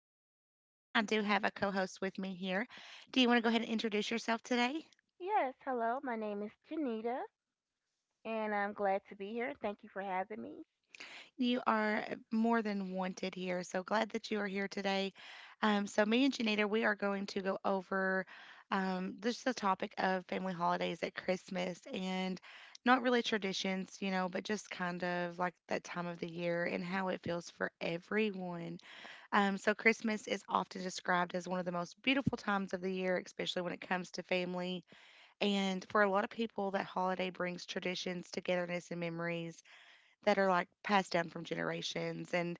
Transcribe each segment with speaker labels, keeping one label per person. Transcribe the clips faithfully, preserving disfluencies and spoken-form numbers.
Speaker 1: host, Angel, and I do have a co host with me here. Do you want to go ahead and introduce yourself today?
Speaker 2: Yes, hello. My name is Janita, and I'm glad to be here. Thank you for having me.
Speaker 1: You are uh, more than wanted here. So glad that you are here today. Um, so, me and Janita, we are going to go over um, just the topic of family holidays at Christmas and not really traditions, you know, but just kind of like that time of the year and how it feels for everyone. Um, so, Christmas is often described as one of the most beautiful times of the year, especially when it comes to family. And for a lot of people, that holiday brings traditions, togetherness, and memories that are like passed down from generations. And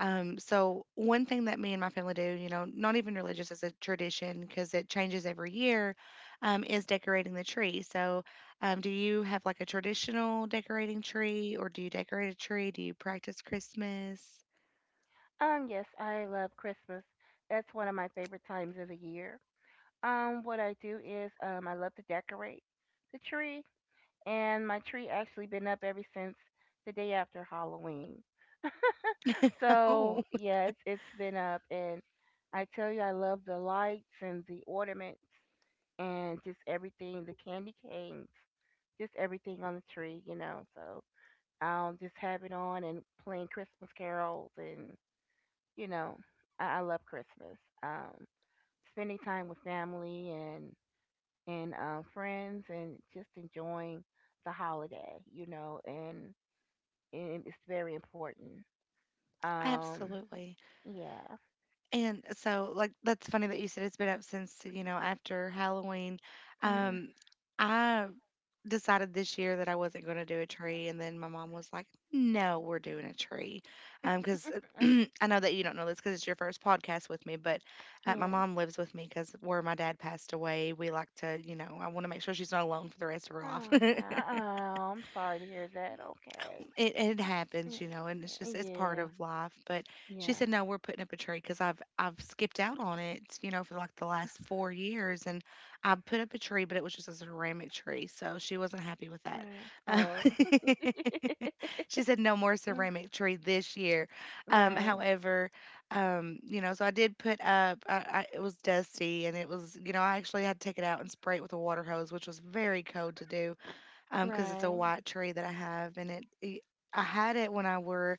Speaker 1: um, so, one thing that me and my family do, you know, not even religious as a tradition because it changes every year, um, is decorating the tree. So, um, do you have like a traditional decorating tree or do you decorate a tree? Do you practice Christmas?
Speaker 2: Um, yes, I love Christmas. That's one of my favorite times of the year. Um, what I do is um, I love to decorate the tree, and my tree actually been up ever since the day after Halloween.
Speaker 1: Oh,
Speaker 2: So yeah, it's, it's been up, and I tell you, I love the lights and the ornaments and just everything, the candy canes, just everything on the tree, you know. So I'll just have it on and playing Christmas carols, and you know, I, I love Christmas. Um, spending time with family and and um, friends, and just enjoying the holiday, you know, and, and it's very important. Um,
Speaker 1: absolutely.
Speaker 2: yeah,
Speaker 1: And so, like, that's funny that you said it's been up since, you know, after Halloween.
Speaker 2: Mhm.
Speaker 1: Um, I decided this year that I wasn't going to do a tree. And then my mom was like, no, we're doing a tree. Um, 'cause
Speaker 2: Uh,
Speaker 1: because I know that you don't know this because it's your first podcast with me, but uh, my
Speaker 2: yeah.
Speaker 1: mom lives with me because where my dad passed away, we like to, you know, I want to make sure she's not alone for the rest of her life.
Speaker 2: Okay. Oh, I'm sorry to hear that. Okay.
Speaker 1: It it happens,
Speaker 2: Y-
Speaker 1: you know, and it's just it's part
Speaker 2: Yeah.
Speaker 1: of life. But she
Speaker 2: Yeah.
Speaker 1: said, "No, we're putting up a tree because I've I've skipped out on it, you know, for like the last four years, and I put up a tree, but it was just a ceramic tree, so she wasn't happy with that."
Speaker 2: Right.
Speaker 1: Um,
Speaker 2: Oh.
Speaker 1: she said, "No more ceramic tree this year." Um,
Speaker 2: Right.
Speaker 1: however, um, you know, so I did put up. I, I, it was dusty, and it was, you know, I actually had to take it out and spray it with a water hose, which was very cold to do um, because it's a
Speaker 2: Right.
Speaker 1: white tree that I have, and it, it I had it when I were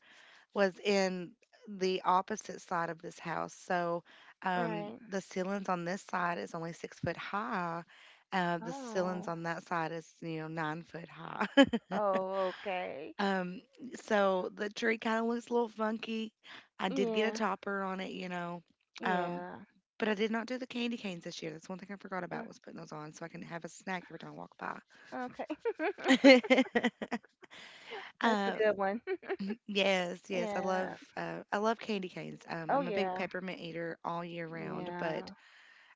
Speaker 1: was in the opposite side of this house. So um,
Speaker 2: Right.
Speaker 1: the ceilings on this side is only six foot high. Uh, the ceilings
Speaker 2: Oh.
Speaker 1: on that side is you know nine foot high.
Speaker 2: Oh, okay.
Speaker 1: um, so the tree kind of looks a little funky. I did get a
Speaker 2: Yeah,
Speaker 1: topper on it, you know, um,
Speaker 2: yeah.
Speaker 1: but I did not do the candy canes this year. That's one thing I forgot
Speaker 2: Uh,
Speaker 1: about was putting those on so I can have a snack every time I walk
Speaker 2: okay,
Speaker 1: by.
Speaker 2: that's a
Speaker 1: uh,
Speaker 2: good one.
Speaker 1: Yes, yes, I
Speaker 2: Yeah.
Speaker 1: love uh, I love candy canes. Um,
Speaker 2: Oh,
Speaker 1: I'm a big
Speaker 2: yeah.
Speaker 1: peppermint eater all year round,
Speaker 2: Yeah.
Speaker 1: but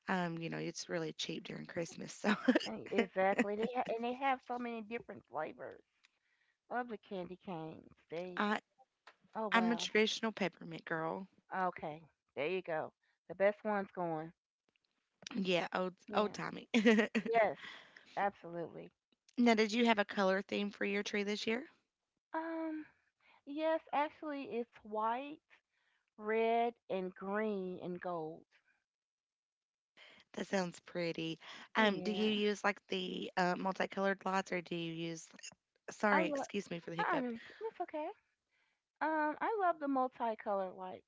Speaker 1: um, you know, it's really cheap during Christmas. So
Speaker 2: E- Exactly. They ha- and they have so many different flavors of the candy canes. They.
Speaker 1: I
Speaker 2: Oh
Speaker 1: I'm a
Speaker 2: wow.
Speaker 1: traditional peppermint girl.
Speaker 2: Okay. There you go. The best one's going.
Speaker 1: Yeah, old old
Speaker 2: Yeah.
Speaker 1: timey.
Speaker 2: Yes. Absolutely.
Speaker 1: Now, did you have a color theme for your tree this year?
Speaker 2: Um. Yes. Actually, it's white, red, and green and gold.
Speaker 1: That sounds pretty. Um, do you
Speaker 2: Yeah.
Speaker 1: use like the uh, multicolored lights, or do you use? Sorry,
Speaker 2: I love.
Speaker 1: excuse me for the
Speaker 2: I don't
Speaker 1: hiccup.
Speaker 2: know. It's okay. Um, I love the multicolored lights.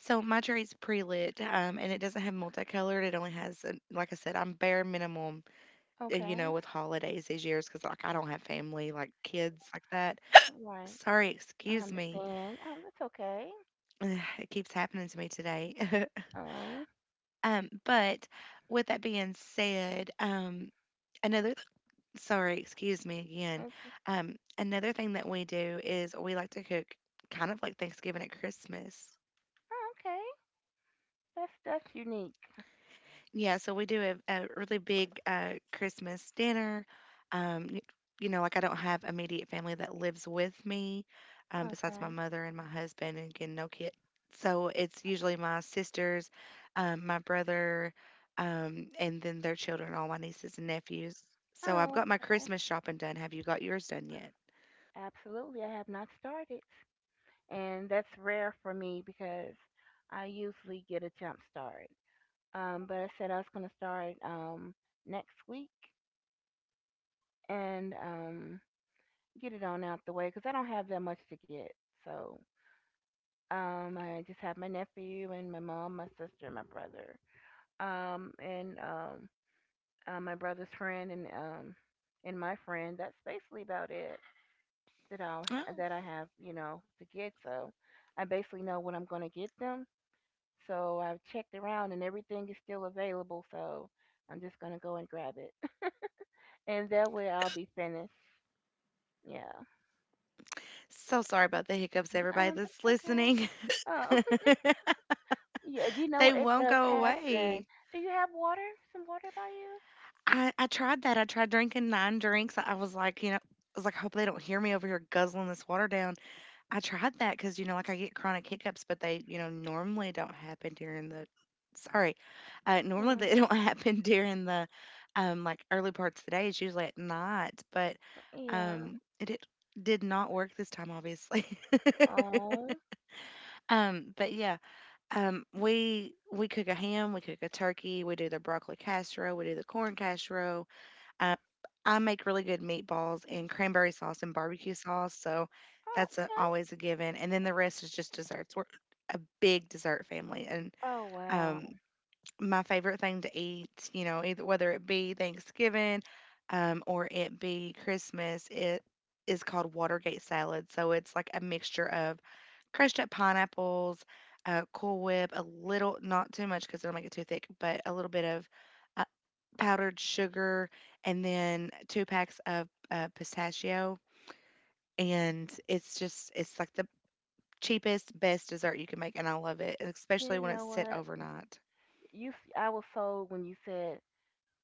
Speaker 1: So my tree's pre-lit, um, and it doesn't have multicolored. It only has, uh, like I said, I'm bare minimum and, you know,
Speaker 2: Okay,
Speaker 1: with holidays these years, because like I don't have family, like kids like that.
Speaker 2: right.
Speaker 1: Sorry,
Speaker 2: I
Speaker 1: excuse me.
Speaker 2: understand. Oh, that's okay.
Speaker 1: It keeps happening to me today.
Speaker 2: Oh,
Speaker 1: um, but with that being said, um, another sorry, excuse me again.
Speaker 2: it's
Speaker 1: Um, another thing that we do is we like to cook kind of like Thanksgiving at Christmas.
Speaker 2: oh, okay. That's that's unique.
Speaker 1: Yeah, so we do have a really big uh, Christmas dinner. Um, y- you know, like I don't have immediate family that lives with me, um, besides my
Speaker 2: Okay.
Speaker 1: mother and my husband, and again, no kid. So it's usually my sisters, um, my brother, um, and then their children, all my nieces and nephews. So I've
Speaker 2: Oh,
Speaker 1: got my Christmas shopping done. Have you got yours done yet?
Speaker 2: absolutely. I have not started, and that's rare for me because I usually get a jump start. Um, but I said I was gonna start um next week and um get it on out the way because I don't have that much to get. So Um, I just have my nephew and my mom, my sister, and my brother. Um, and um, uh, My brother's friend and um, and my friend. That's basically about it that I
Speaker 1: Oh,
Speaker 2: that I have, you know, to get. So I basically know what I'm gonna get them. So I've checked around and everything is still available. So I'm just gonna go and grab it, and that way I'll be finished. Yeah.
Speaker 1: so sorry about the hiccups, everybody
Speaker 2: Um,
Speaker 1: that's
Speaker 2: that's okay.
Speaker 1: listening.
Speaker 2: Oh, yeah. You know
Speaker 1: They
Speaker 2: it
Speaker 1: won't
Speaker 2: does
Speaker 1: go
Speaker 2: happen.
Speaker 1: away.
Speaker 2: Do you have water? Some water by
Speaker 1: I I tried that. I tried drinking nine drinks. I was like, you know, I was like, I hope they don't hear me over here guzzling this water down. I tried that because, you know, like I get chronic hiccups, but they, you know, normally don't happen during the, sorry, uh, normally
Speaker 2: you?
Speaker 1: they don't happen during the, um, like early parts of the day. It's usually at night, but,
Speaker 2: Yeah.
Speaker 1: um, it did, did not work this time, obviously.
Speaker 2: Oh.
Speaker 1: Um, but yeah, um, we we cook a ham, we cook a turkey, we do the broccoli casserole, we do the corn casserole, uh, I make really good meatballs in cranberry sauce and barbecue sauce, so that's a,
Speaker 2: Okay.
Speaker 1: always a given. And then the rest is just desserts. We're a big dessert family, and
Speaker 2: Oh
Speaker 1: um,
Speaker 2: wow.
Speaker 1: my favorite thing to eat, you know, either whether it be Thanksgiving um, or it be Christmas, it is called Watergate salad. So it's like a mixture of crushed up pineapples, uh, Cool Whip, a little, not too much because it'll make it too thick, but a little bit of powdered sugar, and then two packs of, uh, pistachio, and it's just it's like the cheapest, best dessert you can make, and I love it, especially
Speaker 2: You
Speaker 1: when it's
Speaker 2: know
Speaker 1: set
Speaker 2: what?
Speaker 1: overnight.
Speaker 2: You s- I was sold when you said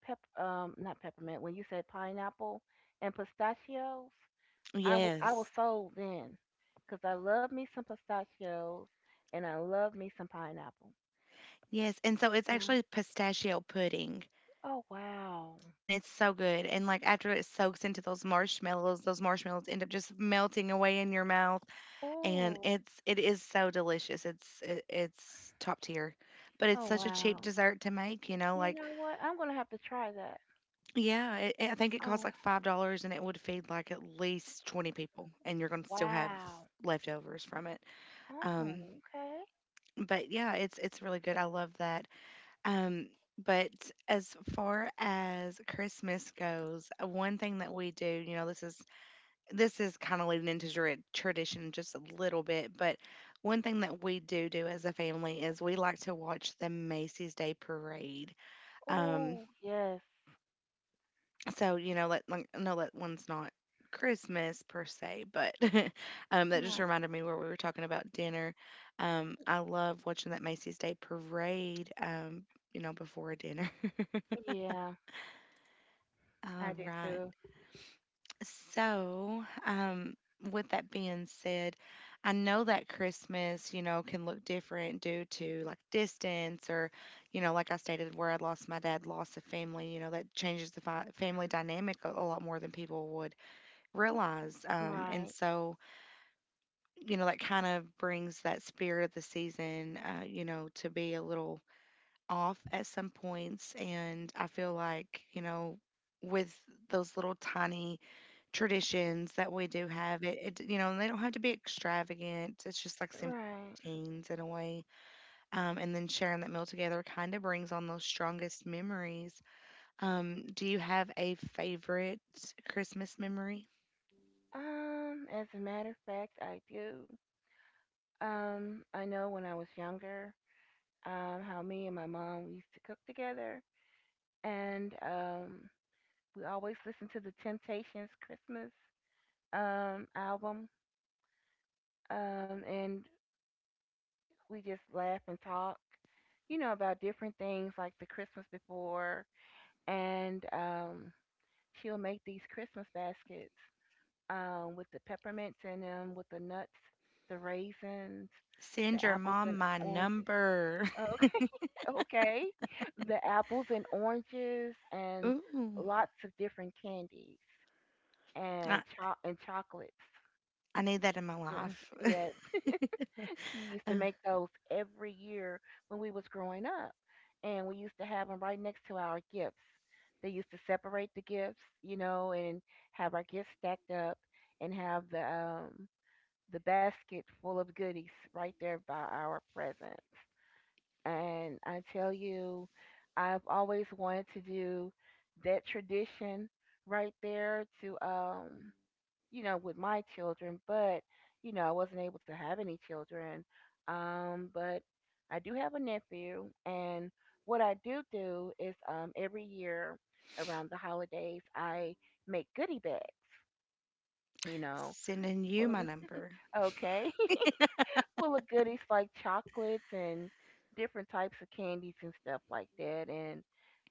Speaker 2: pep um not peppermint when you said pineapple and pistachios. I was I was
Speaker 1: Yes.
Speaker 2: sold then, 'cause I love me some pistachios and I love me some pineapple.
Speaker 1: Yes, and so it's
Speaker 2: Uh,
Speaker 1: actually pistachio pudding,
Speaker 2: oh wow.
Speaker 1: and it's so good, and, like, after it soaks into those marshmallows, those marshmallows end up just melting away in your mouth, and
Speaker 2: Oh.
Speaker 1: it's it is so delicious. It's i it's top tier, but it's
Speaker 2: Oh
Speaker 1: such a cheap
Speaker 2: wow.
Speaker 1: dessert to make, you know,
Speaker 2: You
Speaker 1: like,
Speaker 2: know what? I'm gonna have to try that.
Speaker 1: yeah, it it I think it costs
Speaker 2: Oh
Speaker 1: like five dollars and it would feed like at least twenty people and you're gonna still have
Speaker 2: wow.
Speaker 1: leftovers from it.
Speaker 2: Oh
Speaker 1: Um,
Speaker 2: okay.
Speaker 1: but yeah, it's it's really good. I love that. Um, but as far as Christmas goes, uh, one thing that we do, you know, this is this is kind of leading into tra- tradition just a little bit, but one thing that we do do as a family is we like to watch the Macy's Day Parade. Um,
Speaker 2: Oh yes.
Speaker 1: So, you know, let like, no, that one's not Christmas per se, but um, that just
Speaker 2: My
Speaker 1: reminded me where we were talking about dinner. Um, I love watching that Macy's Day Parade, um, you know, before dinner.
Speaker 2: Yeah,
Speaker 1: All
Speaker 2: I do
Speaker 1: right.
Speaker 2: too.
Speaker 1: So, um, with that being said, I know that Christmas, you know, can look different due to like distance or, you know, like I stated, where I lost my dad, loss of family, you know, that changes the fi- family dynamic a, a lot more than people would realize. Um, and
Speaker 2: Right,
Speaker 1: so, you know, that kind of brings that spirit of the season, uh, you know, to be a little off at some points. And I feel like, you know, with those little tiny traditions that we do have, it, it you know, and they don't have to be extravagant. It's just like simple
Speaker 2: right.
Speaker 1: routines in a way. Um, and then sharing that meal together kind of brings on those strongest memories. Um, do you have a favorite Christmas memory?
Speaker 2: Um, as a matter of fact, I do. Um, I know when I was younger, um, how me and my mom we used to cook together, and um, we always listened to the Temptations Christmas um album. Um, and We just laugh and talk, you know, about different things like the Christmas before, and um, she'll make these Christmas baskets, um, with the peppermints in them, with the nuts, the raisins, the
Speaker 1: Send your
Speaker 2: apples and
Speaker 1: mom my
Speaker 2: oranges.
Speaker 1: number.
Speaker 2: Oh, okay, okay. The apples and oranges and
Speaker 1: Ooh,
Speaker 2: lots of different candies
Speaker 1: I,
Speaker 2: and cho- and chocolates.
Speaker 1: I need that in my
Speaker 2: Yeah,
Speaker 1: life.
Speaker 2: yes, she used to
Speaker 1: Uh,
Speaker 2: make those every year when we was growing up, and we used to have them right next to our gifts. They used to separate the gifts, you know, and have our gifts stacked up and have the um the basket full of goodies right there by our presence. And I tell you, I've always wanted to do that tradition right there to, um, you know, with my children, but, you know, I wasn't able to have any children. Um, but I do have a nephew, and what I do do is, um, every year around the holidays, I make goodie bags, you know.
Speaker 1: sending you
Speaker 2: Well,
Speaker 1: my number.
Speaker 2: okay, full of goodies like chocolates and different types of candies and stuff like that. And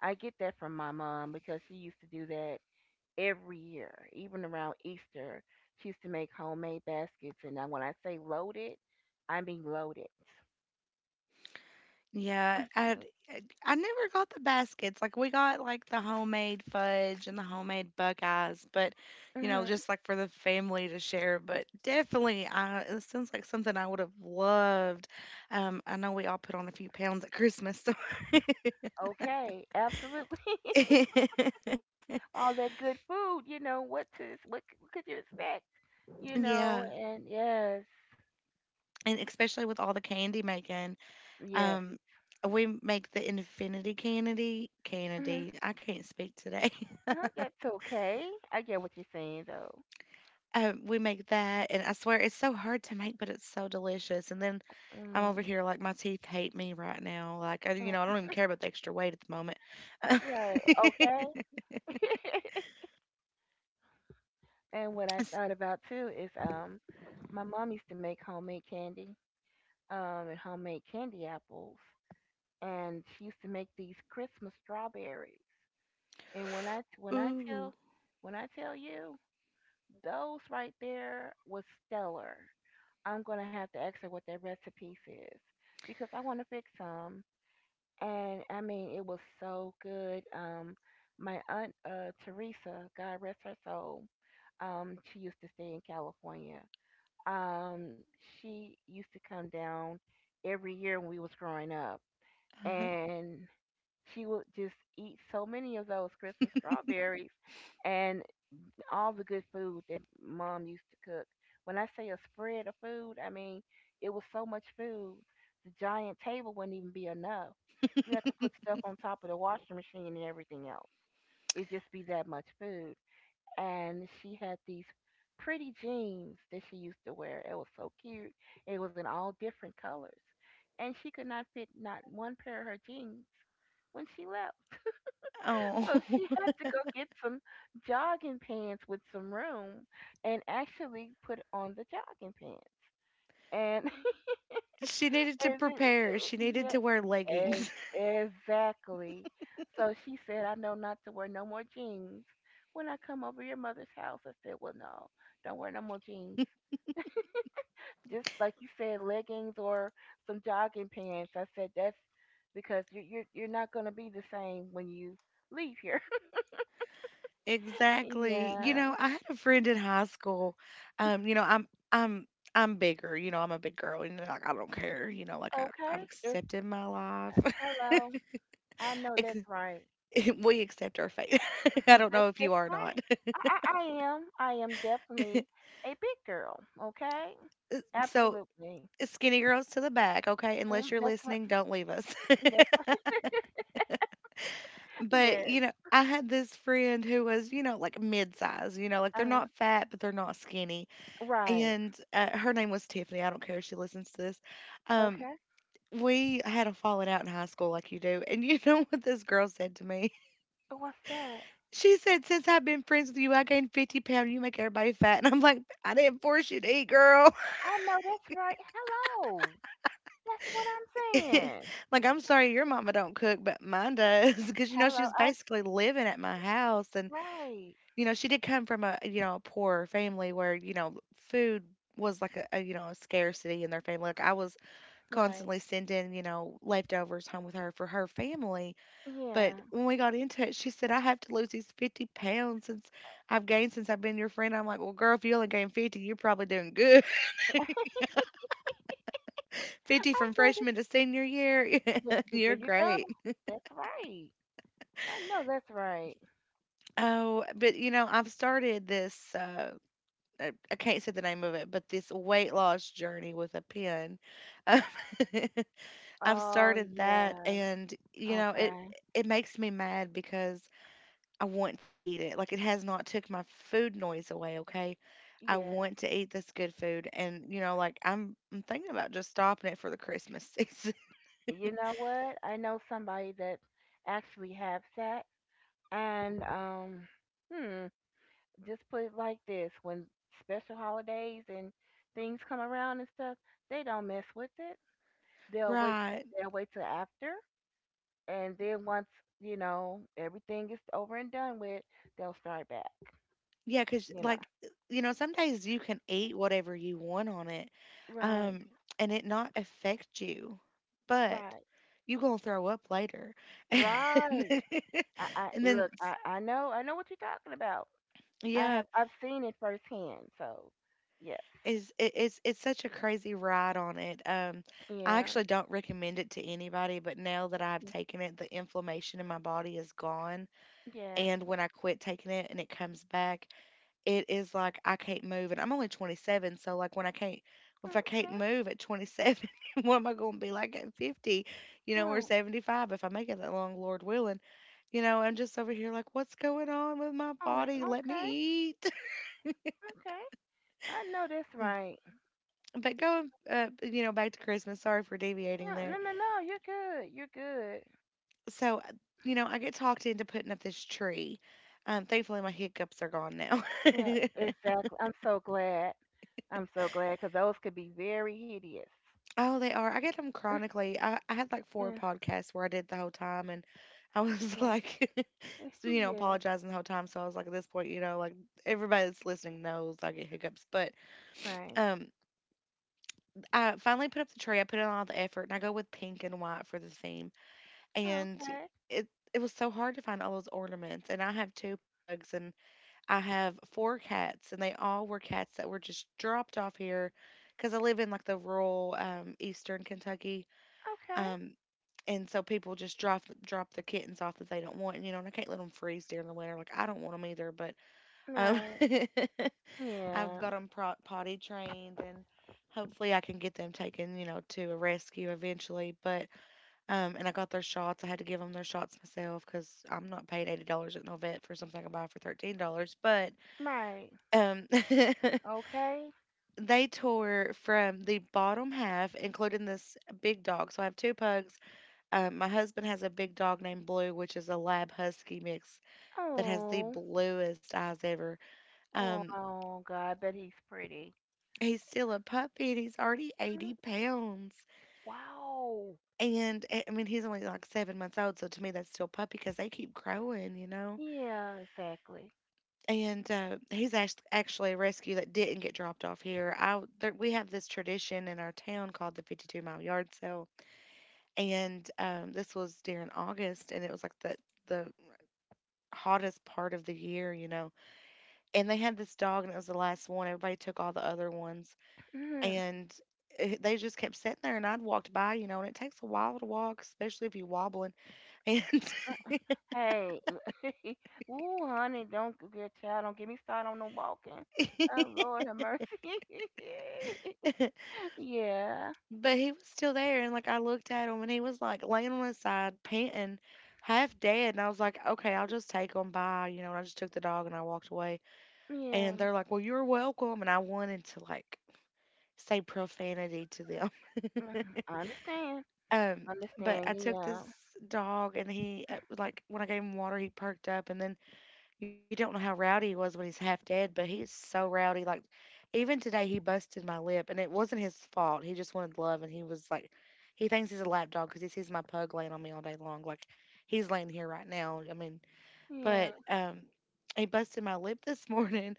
Speaker 2: I get that from my mom because she used to do that every year, even around Easter. She used to make homemade baskets. And now when I say loaded, I mean loaded.
Speaker 1: Yeah, I I never got the baskets. Like we got like the homemade fudge and the homemade Buckeyes, but you know,
Speaker 2: Mm-hmm.
Speaker 1: just like for the family to share. But definitely, I it sounds like something I would have loved. Um, I know we all put on a few pounds at Christmas, so
Speaker 2: Okay, absolutely. All that good food, you know, what to what, c- what could you expect? You know,
Speaker 1: yeah,
Speaker 2: and yes,
Speaker 1: and especially with all the candy making.
Speaker 2: yes.
Speaker 1: Um, we make the infinity candy.
Speaker 2: Mhm.
Speaker 1: Candy. I can't speak today.
Speaker 2: Uh, that's okay. I get what you're saying though.
Speaker 1: um, we make that, and I swear it's so hard to make, but it's so delicious. And then I'm over here like my teeth hate me right now. Like I, you know, I
Speaker 2: Mm.
Speaker 1: don't even care about the extra weight at the moment.
Speaker 2: Right. Okay. And what I
Speaker 1: It's-
Speaker 2: thought about too is um my mom used to make homemade candy, um and homemade candy apples and she used to make these Christmas strawberries. And when I when I
Speaker 1: Ooh.
Speaker 2: tell when I tell you those right there was stellar. I'm gonna have to ask her what that recipe is because I want to fix some. And I mean, it was so good. Um, my aunt, uh, Teresa, God rest her soul, Um, she used to stay in California. Um, she used to come down every year when we was growing up,
Speaker 1: Uh-huh.
Speaker 2: and she would just eat so many of those Christmas strawberries and all the good food that mom used to cook. When I say a spread of food, I mean it was so much food. The giant table wouldn't even be enough. We had to put stuff on top of the washing machine and everything else. It'd just be that much food, and she had these pretty jeans that she used to wear. It was so cute. It was in all different colors. And she could not fit not one pair of her jeans when she left.
Speaker 1: Oh,
Speaker 2: So she had to go get some jogging pants with some room and actually put on the jogging pants. And
Speaker 1: she needed to
Speaker 2: and then,
Speaker 1: prepare. She
Speaker 2: uh,
Speaker 1: needed
Speaker 2: yeah,
Speaker 1: to wear leggings.
Speaker 2: Ex- exactly. So she said, I know not to wear no more jeans. When I come over your mother's house, I said, well, no, don't wear no more jeans. Just like you said, leggings or some jogging pants. I said, that's because you're, you're, you're not going to be the same when you leave here.
Speaker 1: Exactly. You
Speaker 2: Yeah.
Speaker 1: know, I had a friend in high school. Um, you know, I'm I'm I'm bigger, you know, I'm a big girl and like I don't care, you know, like I, I've
Speaker 2: Okay. It's,
Speaker 1: accepted my life.
Speaker 2: hello. I know
Speaker 1: Ex-
Speaker 2: that's right.
Speaker 1: we accept our fate. I don't
Speaker 2: That's,
Speaker 1: know if you
Speaker 2: that's
Speaker 1: are or not.
Speaker 2: right. I, I, I am. I am definitely a big girl. Okay.
Speaker 1: So
Speaker 2: Absolutely.
Speaker 1: skinny girls to the back, okay?
Speaker 2: Mm,
Speaker 1: Unless you're
Speaker 2: that's right.
Speaker 1: listening, don't leave us.
Speaker 2: That's right.
Speaker 1: But,
Speaker 2: Yes.
Speaker 1: you know, I had this friend who was, you know, like mid size, you know, like they're
Speaker 2: Uh,
Speaker 1: not fat, but they're not skinny.
Speaker 2: right.
Speaker 1: And uh, her name was Tiffany. I don't care if she listens to this. Um,
Speaker 2: Okay.
Speaker 1: We had a falling out in high school like you do. And you know what this girl said to me?
Speaker 2: What's that?
Speaker 1: She said, since I've been friends with you, I gained fifty pounds. You make everybody fat. And I'm like, I didn't force you to eat, girl.
Speaker 2: I know that's right. Hello. That's what I'm saying.
Speaker 1: Like, I'm sorry your mama don't cook, but mine does. Because, you know, she
Speaker 2: Hello.
Speaker 1: was
Speaker 2: I
Speaker 1: basically living at my house. And,
Speaker 2: right.
Speaker 1: you know, she did come from a, you know, a poor family where, you know, food was like a, a you know a scarcity in their family. Like, I was
Speaker 2: Right.
Speaker 1: constantly sending you know leftovers home with her for her family.
Speaker 2: Yeah.
Speaker 1: But when we got into it, she said, I have to lose these fifty pounds since I've gained since I've been your friend. I'm like, well, girl, if you only gained fifty, you're probably doing good. fifty
Speaker 2: I
Speaker 1: from
Speaker 2: know this.
Speaker 1: freshman to senior year,
Speaker 2: th- th- There
Speaker 1: you're
Speaker 2: you go.
Speaker 1: great.
Speaker 2: That's right. I know that's right.
Speaker 1: Oh, but you know, I've started this, uh, I I can't say the name of it, but this weight loss journey with a pen. Um, I've
Speaker 2: Oh
Speaker 1: started that,
Speaker 2: yeah.
Speaker 1: and you know, it
Speaker 2: Okay.
Speaker 1: it makes me mad because I want to eat it. Like, it has not took my food noise away, okay? I
Speaker 2: Yeah.
Speaker 1: want to eat this good food, and you know like I'm I'm thinking about just stopping it for the Christmas season.
Speaker 2: You know what? I know somebody that actually has that, and um, hmm. Just put it like this, when special holidays and things come around and stuff they don't mess with it, they'll wait till,
Speaker 1: Right.
Speaker 2: they'll wait till after, and then once, you know, everything is over and done with, they'll start back,
Speaker 1: Yeah, cuz
Speaker 2: you know.
Speaker 1: like you know some days you can eat whatever you want on it,
Speaker 2: Right.
Speaker 1: um and it not affect you. But
Speaker 2: Right.
Speaker 1: you going to throw up later. And
Speaker 2: Right. i, I eh,
Speaker 1: then
Speaker 2: look I, I know i know what you're talking about. I
Speaker 1: yeah,
Speaker 2: have i've seen it firsthand, so yes.
Speaker 1: is it, it's it's such a crazy ride on it. Um, I
Speaker 2: Yeah.
Speaker 1: actually don't recommend it to anybody, but now that I've taken it, the inflammation in my body is gone.
Speaker 2: Yes.
Speaker 1: And when I quit taking it and it comes back, it is like I can't move. And I'm only twenty-seven, so like when I can't, if I can't
Speaker 2: Okay.
Speaker 1: move at twenty-seven, what am I going to be like at fifty, you know, or
Speaker 2: Right.
Speaker 1: seventy-five if I make it that long, Lord willing? You know, I'm just over here like, what's going on with my
Speaker 2: Oh
Speaker 1: body? Let me
Speaker 2: okay.
Speaker 1: eat.
Speaker 2: Okay. I know that's right.
Speaker 1: But going, uh, you know, back to Christmas. Sorry for deviating
Speaker 2: Yeah, no,
Speaker 1: there.
Speaker 2: no, no. You're good. You're good.
Speaker 1: So, uh, you know, I get talked into putting up this tree. Um, thankfully, my hiccups are gone now.
Speaker 2: Yeah, exactly. I'm so glad. I'm so glad because those could be very hideous.
Speaker 1: Oh, they are. I get them chronically. I, I had like four
Speaker 2: Yeah,
Speaker 1: podcasts where I did the whole time, and I was
Speaker 2: yeah,
Speaker 1: like, so, you know,
Speaker 2: yeah.
Speaker 1: apologizing the whole time. So I was like, at this point, you know, like everybody that's listening knows I get hiccups. But
Speaker 2: Right.
Speaker 1: um, I finally put up the tree. I put in all the effort, and I go with pink and white for the theme.
Speaker 2: Oh,
Speaker 1: And
Speaker 2: okay.
Speaker 1: it it was so hard to find all those ornaments, and I have two pugs, and I have four cats, and they all were cats that were just dropped off here because I live in like the rural um, eastern Kentucky. um, and so people just drop drop their kittens off that they don't want, you know, and I can't let them freeze during the winter. Like, I don't want them either, but
Speaker 2: Okay.
Speaker 1: um,
Speaker 2: Right.
Speaker 1: I've
Speaker 2: Yeah.
Speaker 1: got them pro- potty trained, and hopefully I can get them taken, you know, to a rescue eventually. But um, and I got their shots. I had to give them their shots myself because I'm not paying eighty dollars at no vet for something I can buy for thirteen dollars. But
Speaker 2: Right.
Speaker 1: um,
Speaker 2: Okay.
Speaker 1: they tore from the bottom half, including this big dog. So I have two pugs. Um, my husband has a big dog named Blue, which is a lab husky mix that has the
Speaker 2: Oh.
Speaker 1: bluest eyes ever.
Speaker 2: Oh.
Speaker 1: Um,
Speaker 2: Oh. God. I bet he's pretty.
Speaker 1: he's still a puppy and he's already eighty
Speaker 2: Mm,
Speaker 1: pounds.
Speaker 2: wow.
Speaker 1: And eh, I mean, he's only like seven months old, so to me that's still puppy because they keep growing, you know.
Speaker 2: Yeah. Exactly.
Speaker 1: And uh, he's act- actually a rescue that didn't get dropped off here. I there, we have this tradition in our town called the fifty-two mile yard sale, and um, this was during August, and it was like the the hottest part of the year, you know. And they had this dog, and it was the last one. Everybody took all the other ones,
Speaker 2: Mhm.
Speaker 1: and it- they just kept sitting there, and I'd walked by, you know, and it takes a while to walk, especially if you're wobbling. And
Speaker 2: Hey, ooh, honey, don't g- get child, don't get me started on no walking. Oh Lord, have mercy. Yeah,
Speaker 1: but he was still there, and like I looked at him, and he was like laying on his side, panting, half dead. And I was like, okay, I'll just take him by, you know. And I just took the dog and I walked away. And
Speaker 2: yeah.
Speaker 1: they're like, well, you're welcome. And I wanted to like say profanity to them.
Speaker 2: Mm, I understand.
Speaker 1: um, but
Speaker 2: Understand.
Speaker 1: I took
Speaker 2: Yeah,
Speaker 1: this dog, and he uh, like when I gave him water, he perked up, and then you know, you don't know how rowdy he was when he's half dead, but he is so rowdy. Like, even today, he busted my lip, and it wasn't his fault. He just wanted love, and he was like, he thinks he's a lap dog because he sees my pug laying on me all day long. Like, he's laying here right now. I mean,
Speaker 2: yeah.
Speaker 1: but um, he busted my lip this morning,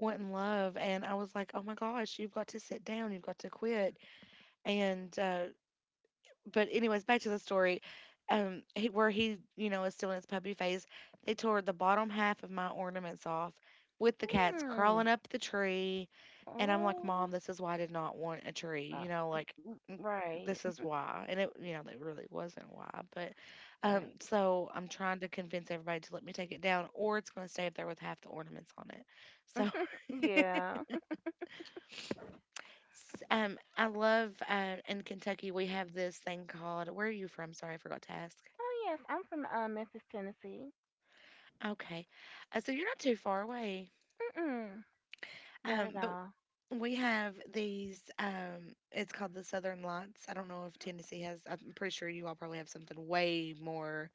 Speaker 1: wanting love, and I was like, oh my gosh, you've got to sit down, you've got to quit. And uh, but anyways, back to the story. Um, he, where he, you know, is still in his puppy phase. They tore the bottom half of my ornaments off, with the cats
Speaker 2: Hmm.
Speaker 1: crawling up the tree, and I'm like, Mom,
Speaker 2: Oh,
Speaker 1: this is why I did not want a tree.
Speaker 2: uh,
Speaker 1: You know, like mm,
Speaker 2: right,
Speaker 1: this is why, and it, you know, it really wasn't why. But, um,
Speaker 2: right.
Speaker 1: so I'm trying to convince everybody to let me take it down, or it's going to stay up there with half the ornaments on it. So,
Speaker 2: Yeah.
Speaker 1: s- um, I love uh, in Kentucky we have this thing called. Where are you from? Sorry, I forgot to ask.
Speaker 2: Oh yes, I'm from, uh, Memphis, Tennessee.
Speaker 1: Okay. Uh, so you're not too far away.
Speaker 2: Mm-mm, not at
Speaker 1: Um, but
Speaker 2: all.
Speaker 1: we have these, um, it's called the Southern Lights. I don't know if Tennessee has, I'm pretty sure you all probably have something way more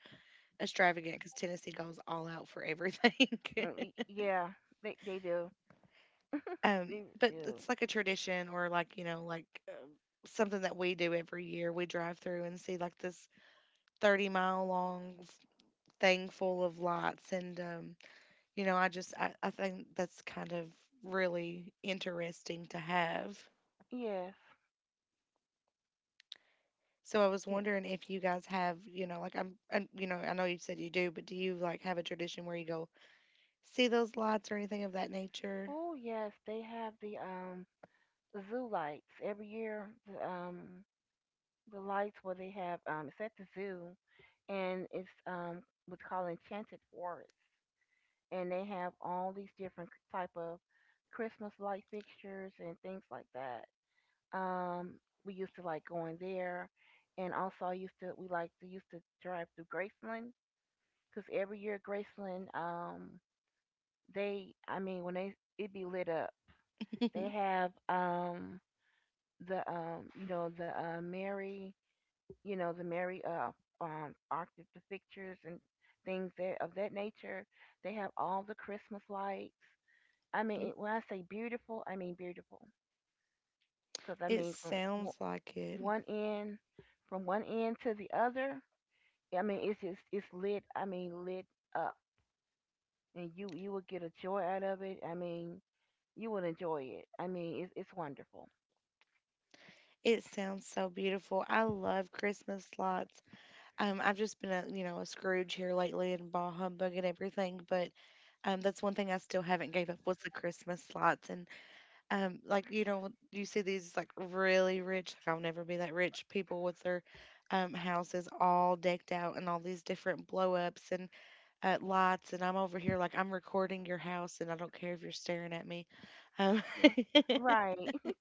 Speaker 1: extravagant because Tennessee goes all out for everything.
Speaker 2: Uh, y- Yeah, they they do.
Speaker 1: Um,
Speaker 2: They
Speaker 1: but
Speaker 2: do.
Speaker 1: it's like a tradition or like, you know, like um, something that we do every year. We drive through and see like this thirty mile long f- thing full of lights and um, you know, I just I, I think that's kind of really interesting to have.
Speaker 2: Yes.
Speaker 1: So I was
Speaker 2: Yes.
Speaker 1: wondering if you guys have, you know, like I'm, I you know, I know you said you do, but do you like have a tradition where you go see those lights or anything of that nature?
Speaker 2: Oh yes, they have the um zoo lights every year. The, um, the lights where they have, um, it's at the zoo, and it's um what's called Enchanted Forest, and they have all these different type of Christmas light fixtures and things like that. Um, we used to like going there, and also I used to we like to used to drive through Graceland because every year Graceland um they I mean when they it be lit up. They have um the um you know the uh Mary you know the Mary, uh um Arctic, the pictures and things that of that nature. They have all the Christmas lights. I mean, it- when I say beautiful, I mean beautiful, because I
Speaker 1: It
Speaker 2: mean from wo-
Speaker 1: sounds like it.
Speaker 2: one end from one end to the other. I mean, it's just it's lit. I mean, lit up, and you you will get a joy out of it. I mean, you will enjoy it. I mean, it's it's wonderful.
Speaker 1: It sounds so beautiful. I love Christmas lights. Um, I've just been a you know a Scrooge here lately and bah humbug and everything, but um, that's one thing I still haven't gave up was the Christmas lights. And Um, like you know, you see these like really rich, like I'll never be that rich people with their um, houses all decked out and all these different blow ups and uh, lights, and I'm over here like I'm recording your house, and I don't care if you're staring at me. Um,
Speaker 2: Yeah. Right.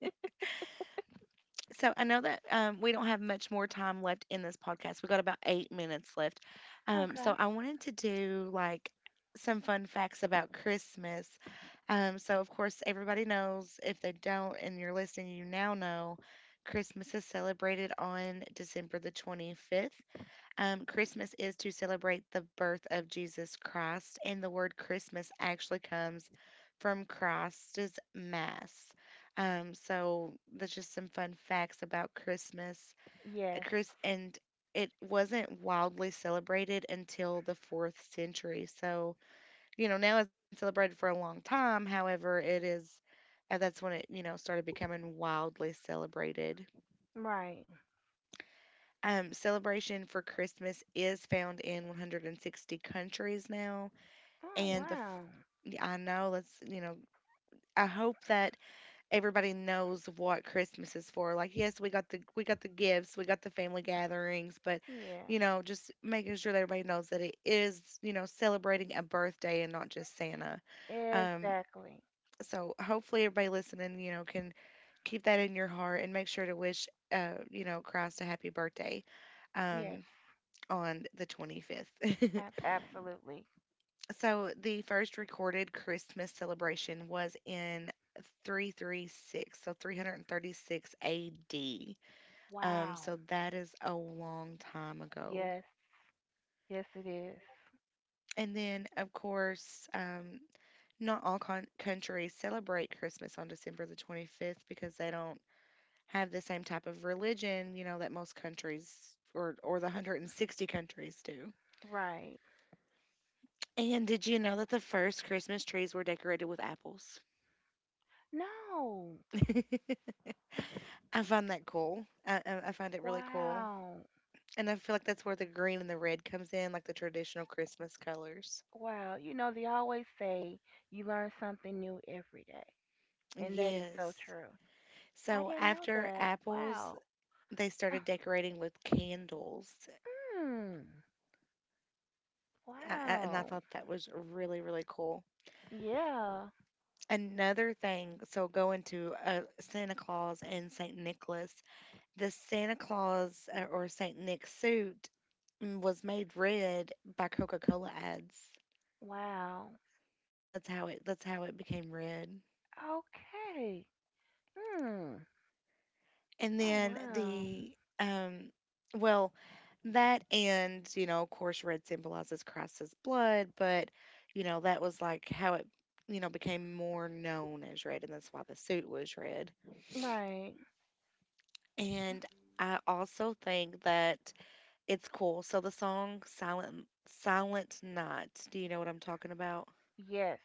Speaker 1: So I know that um, we don't have much more time left in this podcast. We got about eight minutes left. Um,
Speaker 2: Okay.
Speaker 1: so I wanted to do like some fun facts about Christmas. Um, so of course everybody knows. If they don't, and you're listening, you now know. Christmas is celebrated on December the twenty-fifth. Um, Christmas is to celebrate the birth of Jesus Christ, and the word Christmas actually comes from Christ's Mass. Um, so that's just some fun facts about Christmas. Uh,
Speaker 2: Yes.
Speaker 1: Chris and it wasn't wildly celebrated until the fourth century. So you know now it's been celebrated for a long time. However, it is uh, that's when it you know started becoming wildly celebrated.
Speaker 2: Right.
Speaker 1: Um, celebration for Christmas is found in one hundred sixty countries now,
Speaker 2: Oh,
Speaker 1: and the
Speaker 2: wow.
Speaker 1: f- I know let's you know I hope that everybody knows what Christmas is for. Like, yes, we got the we got the gifts, we got the family gatherings, but
Speaker 2: Yeah,
Speaker 1: you know, just making sure that everybody knows that it is you know celebrating a birthday and not just Santa. Um,
Speaker 2: exactly.
Speaker 1: so hopefully everybody listening, you know, can keep that in your heart and make sure to wish uh you know Christ a happy birthday.
Speaker 2: Yes,
Speaker 1: Um, on the twenty-fifth.
Speaker 2: ab- absolutely.
Speaker 1: So the first recorded Christmas celebration was in three hundred thirty-six, so three hundred thirty-six A D. Um,
Speaker 2: Wow.
Speaker 1: so that is a long time ago.
Speaker 2: Yes, yes, it is.
Speaker 1: And then, of course, um, not all con- countries celebrate Christmas on December the twenty-fifth because they don't have the same type of religion, you know, that most countries or, or the one hundred sixty countries do.
Speaker 2: Right.
Speaker 1: And did you know that the first Christmas trees were decorated with apples?
Speaker 2: No.
Speaker 1: I find that cool. I, I I find it really cool.
Speaker 2: Wow.
Speaker 1: And I feel like that's where the green and the red comes in, like the traditional Christmas colors.
Speaker 2: Wow. You know, they always say you learn something new every day, and that is so
Speaker 1: Yes.
Speaker 2: true. I
Speaker 1: So
Speaker 2: didn't know
Speaker 1: after
Speaker 2: that.
Speaker 1: apples,
Speaker 2: Wow.
Speaker 1: they started decorating with candles.
Speaker 2: Hmm.
Speaker 1: I, I, and I
Speaker 2: Wow.
Speaker 1: thought that was really, really cool.
Speaker 2: Yeah.
Speaker 1: Another thing, so going to uh, Santa Claus and saint Nicholas, the Santa Claus uh, or saint Nick suit mm, was made red by Coca-Cola ads.
Speaker 2: Wow.
Speaker 1: That's how it that's how it became red.
Speaker 2: Okay. Hmm.
Speaker 1: And
Speaker 2: Oh,
Speaker 1: then
Speaker 2: wow.
Speaker 1: the um well, that and, you know, of course red symbolizes Christ's blood, but you know, that was like how it, you know, became more known as red and that's why the suit was red.
Speaker 2: Right.
Speaker 1: And I also think that it's cool. So the song Silent Silent Night, do you know what I'm talking about?
Speaker 2: Yes.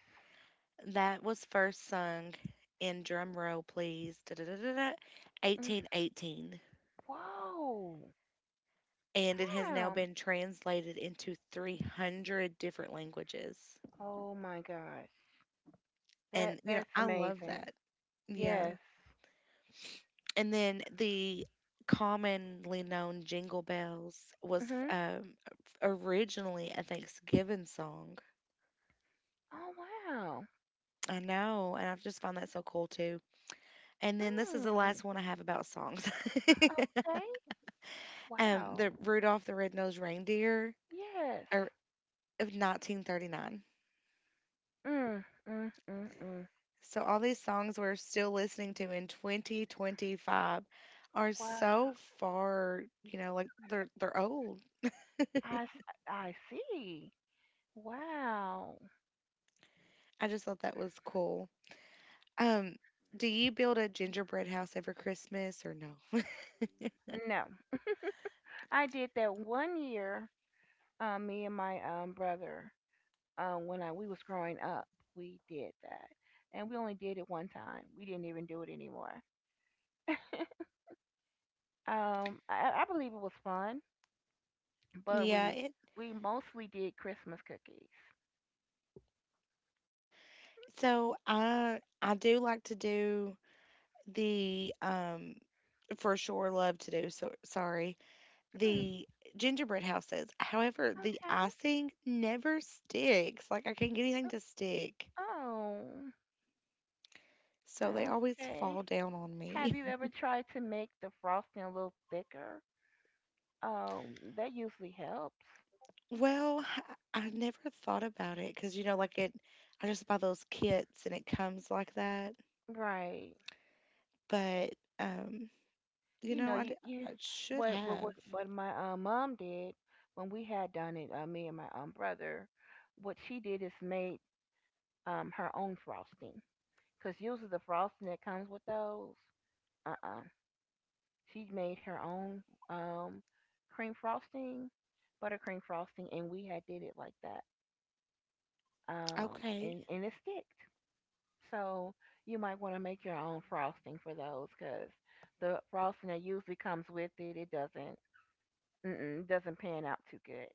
Speaker 1: That was first sung in, drum roll please. Da, da, da, da, da,
Speaker 2: Mm,
Speaker 1: eighteen eighteen.
Speaker 2: whoa.
Speaker 1: And it has now
Speaker 2: Wow.
Speaker 1: been translated into three hundred different languages.
Speaker 2: Oh my gosh. That
Speaker 1: And, you know,
Speaker 2: that's
Speaker 1: I love
Speaker 2: amazing.
Speaker 1: that. Yeah.
Speaker 2: Yes.
Speaker 1: And then the commonly known Jingle Bells was
Speaker 2: Mhm.
Speaker 1: um, originally a Thanksgiving song.
Speaker 2: Oh wow.
Speaker 1: I know. And I just find that so cool, too. And then this is the last
Speaker 2: Mm.
Speaker 1: one I have about songs.
Speaker 2: Okay.
Speaker 1: um,
Speaker 2: Wow.
Speaker 1: the Rudolph the Red-Nosed Reindeer
Speaker 2: Yes.
Speaker 1: or, of nineteen thirty-nine.
Speaker 2: Mm. Mm. Mm. Mm.
Speaker 1: So all these songs we're still listening to in twenty twenty-five are
Speaker 2: Wow.
Speaker 1: so far, you know, like they're they're old.
Speaker 2: I s- I see. Wow.
Speaker 1: I just thought that was cool. Um, do you build a gingerbread house every Christmas or no?
Speaker 2: No, I did that one year. Uh, me and my um brother, um, when I, we was growing up, we did that, and we only did it one time. We didn't even do it anymore. Um, I, I believe it was fun, but
Speaker 1: Yeah,
Speaker 2: we
Speaker 1: it,
Speaker 2: we mostly did Christmas cookies.
Speaker 1: so I I do like to do the um for sure love to do, so sorry,
Speaker 2: Mm,
Speaker 1: the gingerbread houses. However, the
Speaker 2: okay.
Speaker 1: icing never sticks. Like I can't get anything
Speaker 2: Uh,
Speaker 1: to stick.
Speaker 2: Oh,
Speaker 1: So they always
Speaker 2: okay.
Speaker 1: fall down on
Speaker 2: Have
Speaker 1: me.
Speaker 2: you ever tried to make the frosting a little thicker? Um, that usually helps.
Speaker 1: Well, I I never thought about it because, you know, like it, I just buy those kits and it comes like that.
Speaker 2: Right.
Speaker 1: But, um, you
Speaker 2: You know,
Speaker 1: know, I,
Speaker 2: you,
Speaker 1: d-
Speaker 2: you
Speaker 1: I should
Speaker 2: what what what
Speaker 1: have.
Speaker 2: what my, uh, mom did when we had done it, uh, me and my um brother, what she did is made um her own frosting, because usually the frosting that comes with those, uh-uh. She made her own um cream frosting, buttercream frosting, and we had did it like that. Um,
Speaker 1: Okay.
Speaker 2: and and it sticked. So you might want to make your own frosting for those because the frosting that usually comes with it, it doesn't Mm-mm, doesn't pan out too good.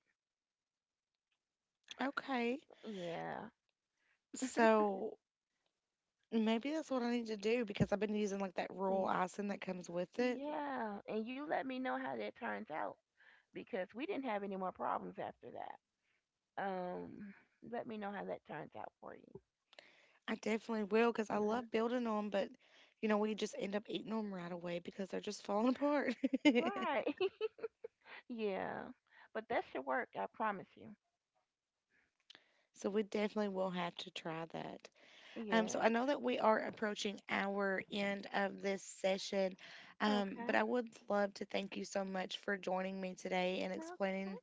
Speaker 1: Okay.
Speaker 2: Yeah.
Speaker 1: So maybe that's what I need to do because I've been using like that roll
Speaker 2: y-
Speaker 1: icing that comes with it.
Speaker 2: Yeah. And you let me know how that turns out because we didn't have any more problems after that. Um, Let me know how that turns out for you.
Speaker 1: I definitely will because I
Speaker 2: Yeah.
Speaker 1: love building them, but you know, we just end up eating them right away because they're just falling apart.
Speaker 2: Right. Yeah. But that should work, I promise you.
Speaker 1: So we definitely will have to try that. Um, so
Speaker 2: Yeah.
Speaker 1: I know that we are approaching our end of this session, um, but
Speaker 2: Okay.
Speaker 1: I would love to thank you so much for joining me today and explaining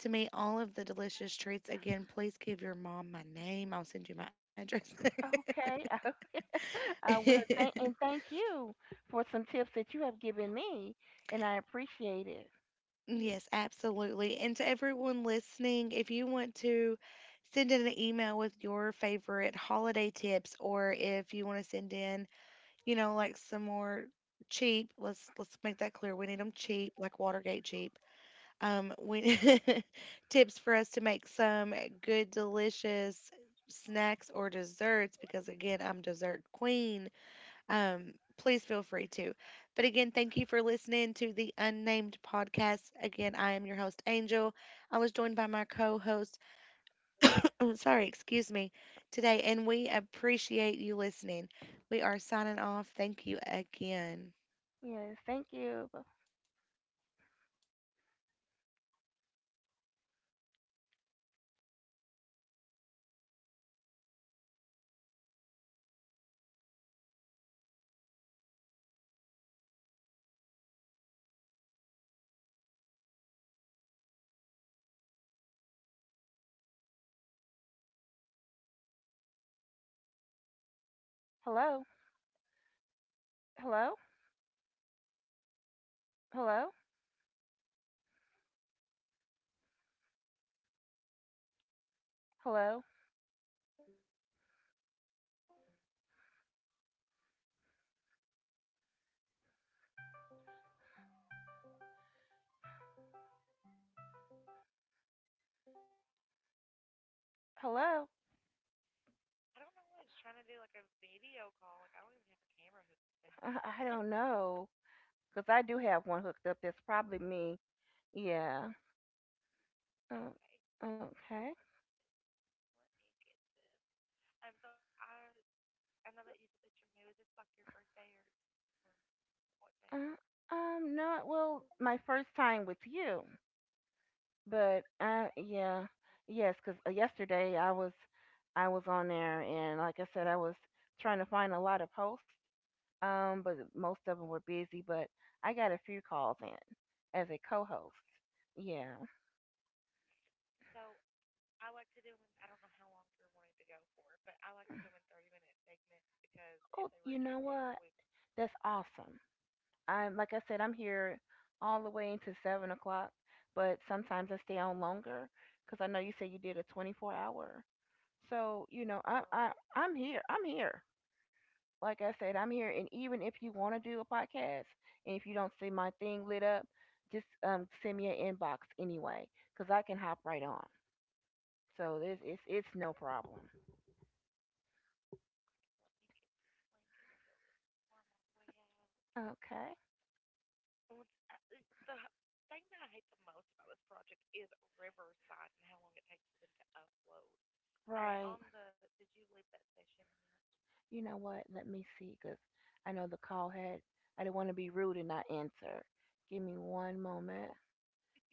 Speaker 1: to me all of the delicious treats. Again, please give your mom my name. I'll send you my address.
Speaker 2: Okay. Okay. I I will. Thank and thank you for some tips that you have given me, and I appreciate it.
Speaker 1: Yes, absolutely. And to everyone listening, if you want to send in an email with your favorite holiday tips or if you want to send in, you know, like some more cheap. Let's let's make that clear. We need them cheap, like Watergate cheap. Um, we tips for us to make some good, delicious snacks or desserts because again, I'm dessert queen. Um, please feel free to. But again, thank you for listening to the Unnamed podcast. Again, I am your host Angel. I was joined by my co-host. Sorry, excuse me. Today, and we appreciate you listening. We are signing off. Thank you again.
Speaker 2: Yes. Thank you. Hello. Hello. Hello. Hello? Hello? I I, I don't know. Because I do have one hooked up. That's probably me. Yeah. Uh, Okay, okay. Now? Uh, um, no, well, my first time with you, but uh, yeah, yes, because yesterday I was, I was on there, and like I said, I was trying to find a lot of posts, um, but most of them were busy. But I got a few calls in as a co-host. Yeah, oh, were you know what? That's awesome. I'm like I said, I'm here all the way into seven o'clock, but sometimes I stay on longer because I know you said you did a twenty-four hour. So you know, I oh, I I'm here. I'm here. Like I said, I'm here, and even if you want to do a podcast, and if you don't see my thing lit up, just, um, send me an inbox anyway, because I can hop right on. So it's it's, it's no problem. Okay, right. You know what? Let me see, because I know the call had. I didn't want to be rude and not answer. Give me one moment.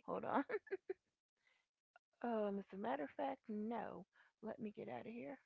Speaker 2: Hold on. Um, as a matter of fact, no. Let me get out of here.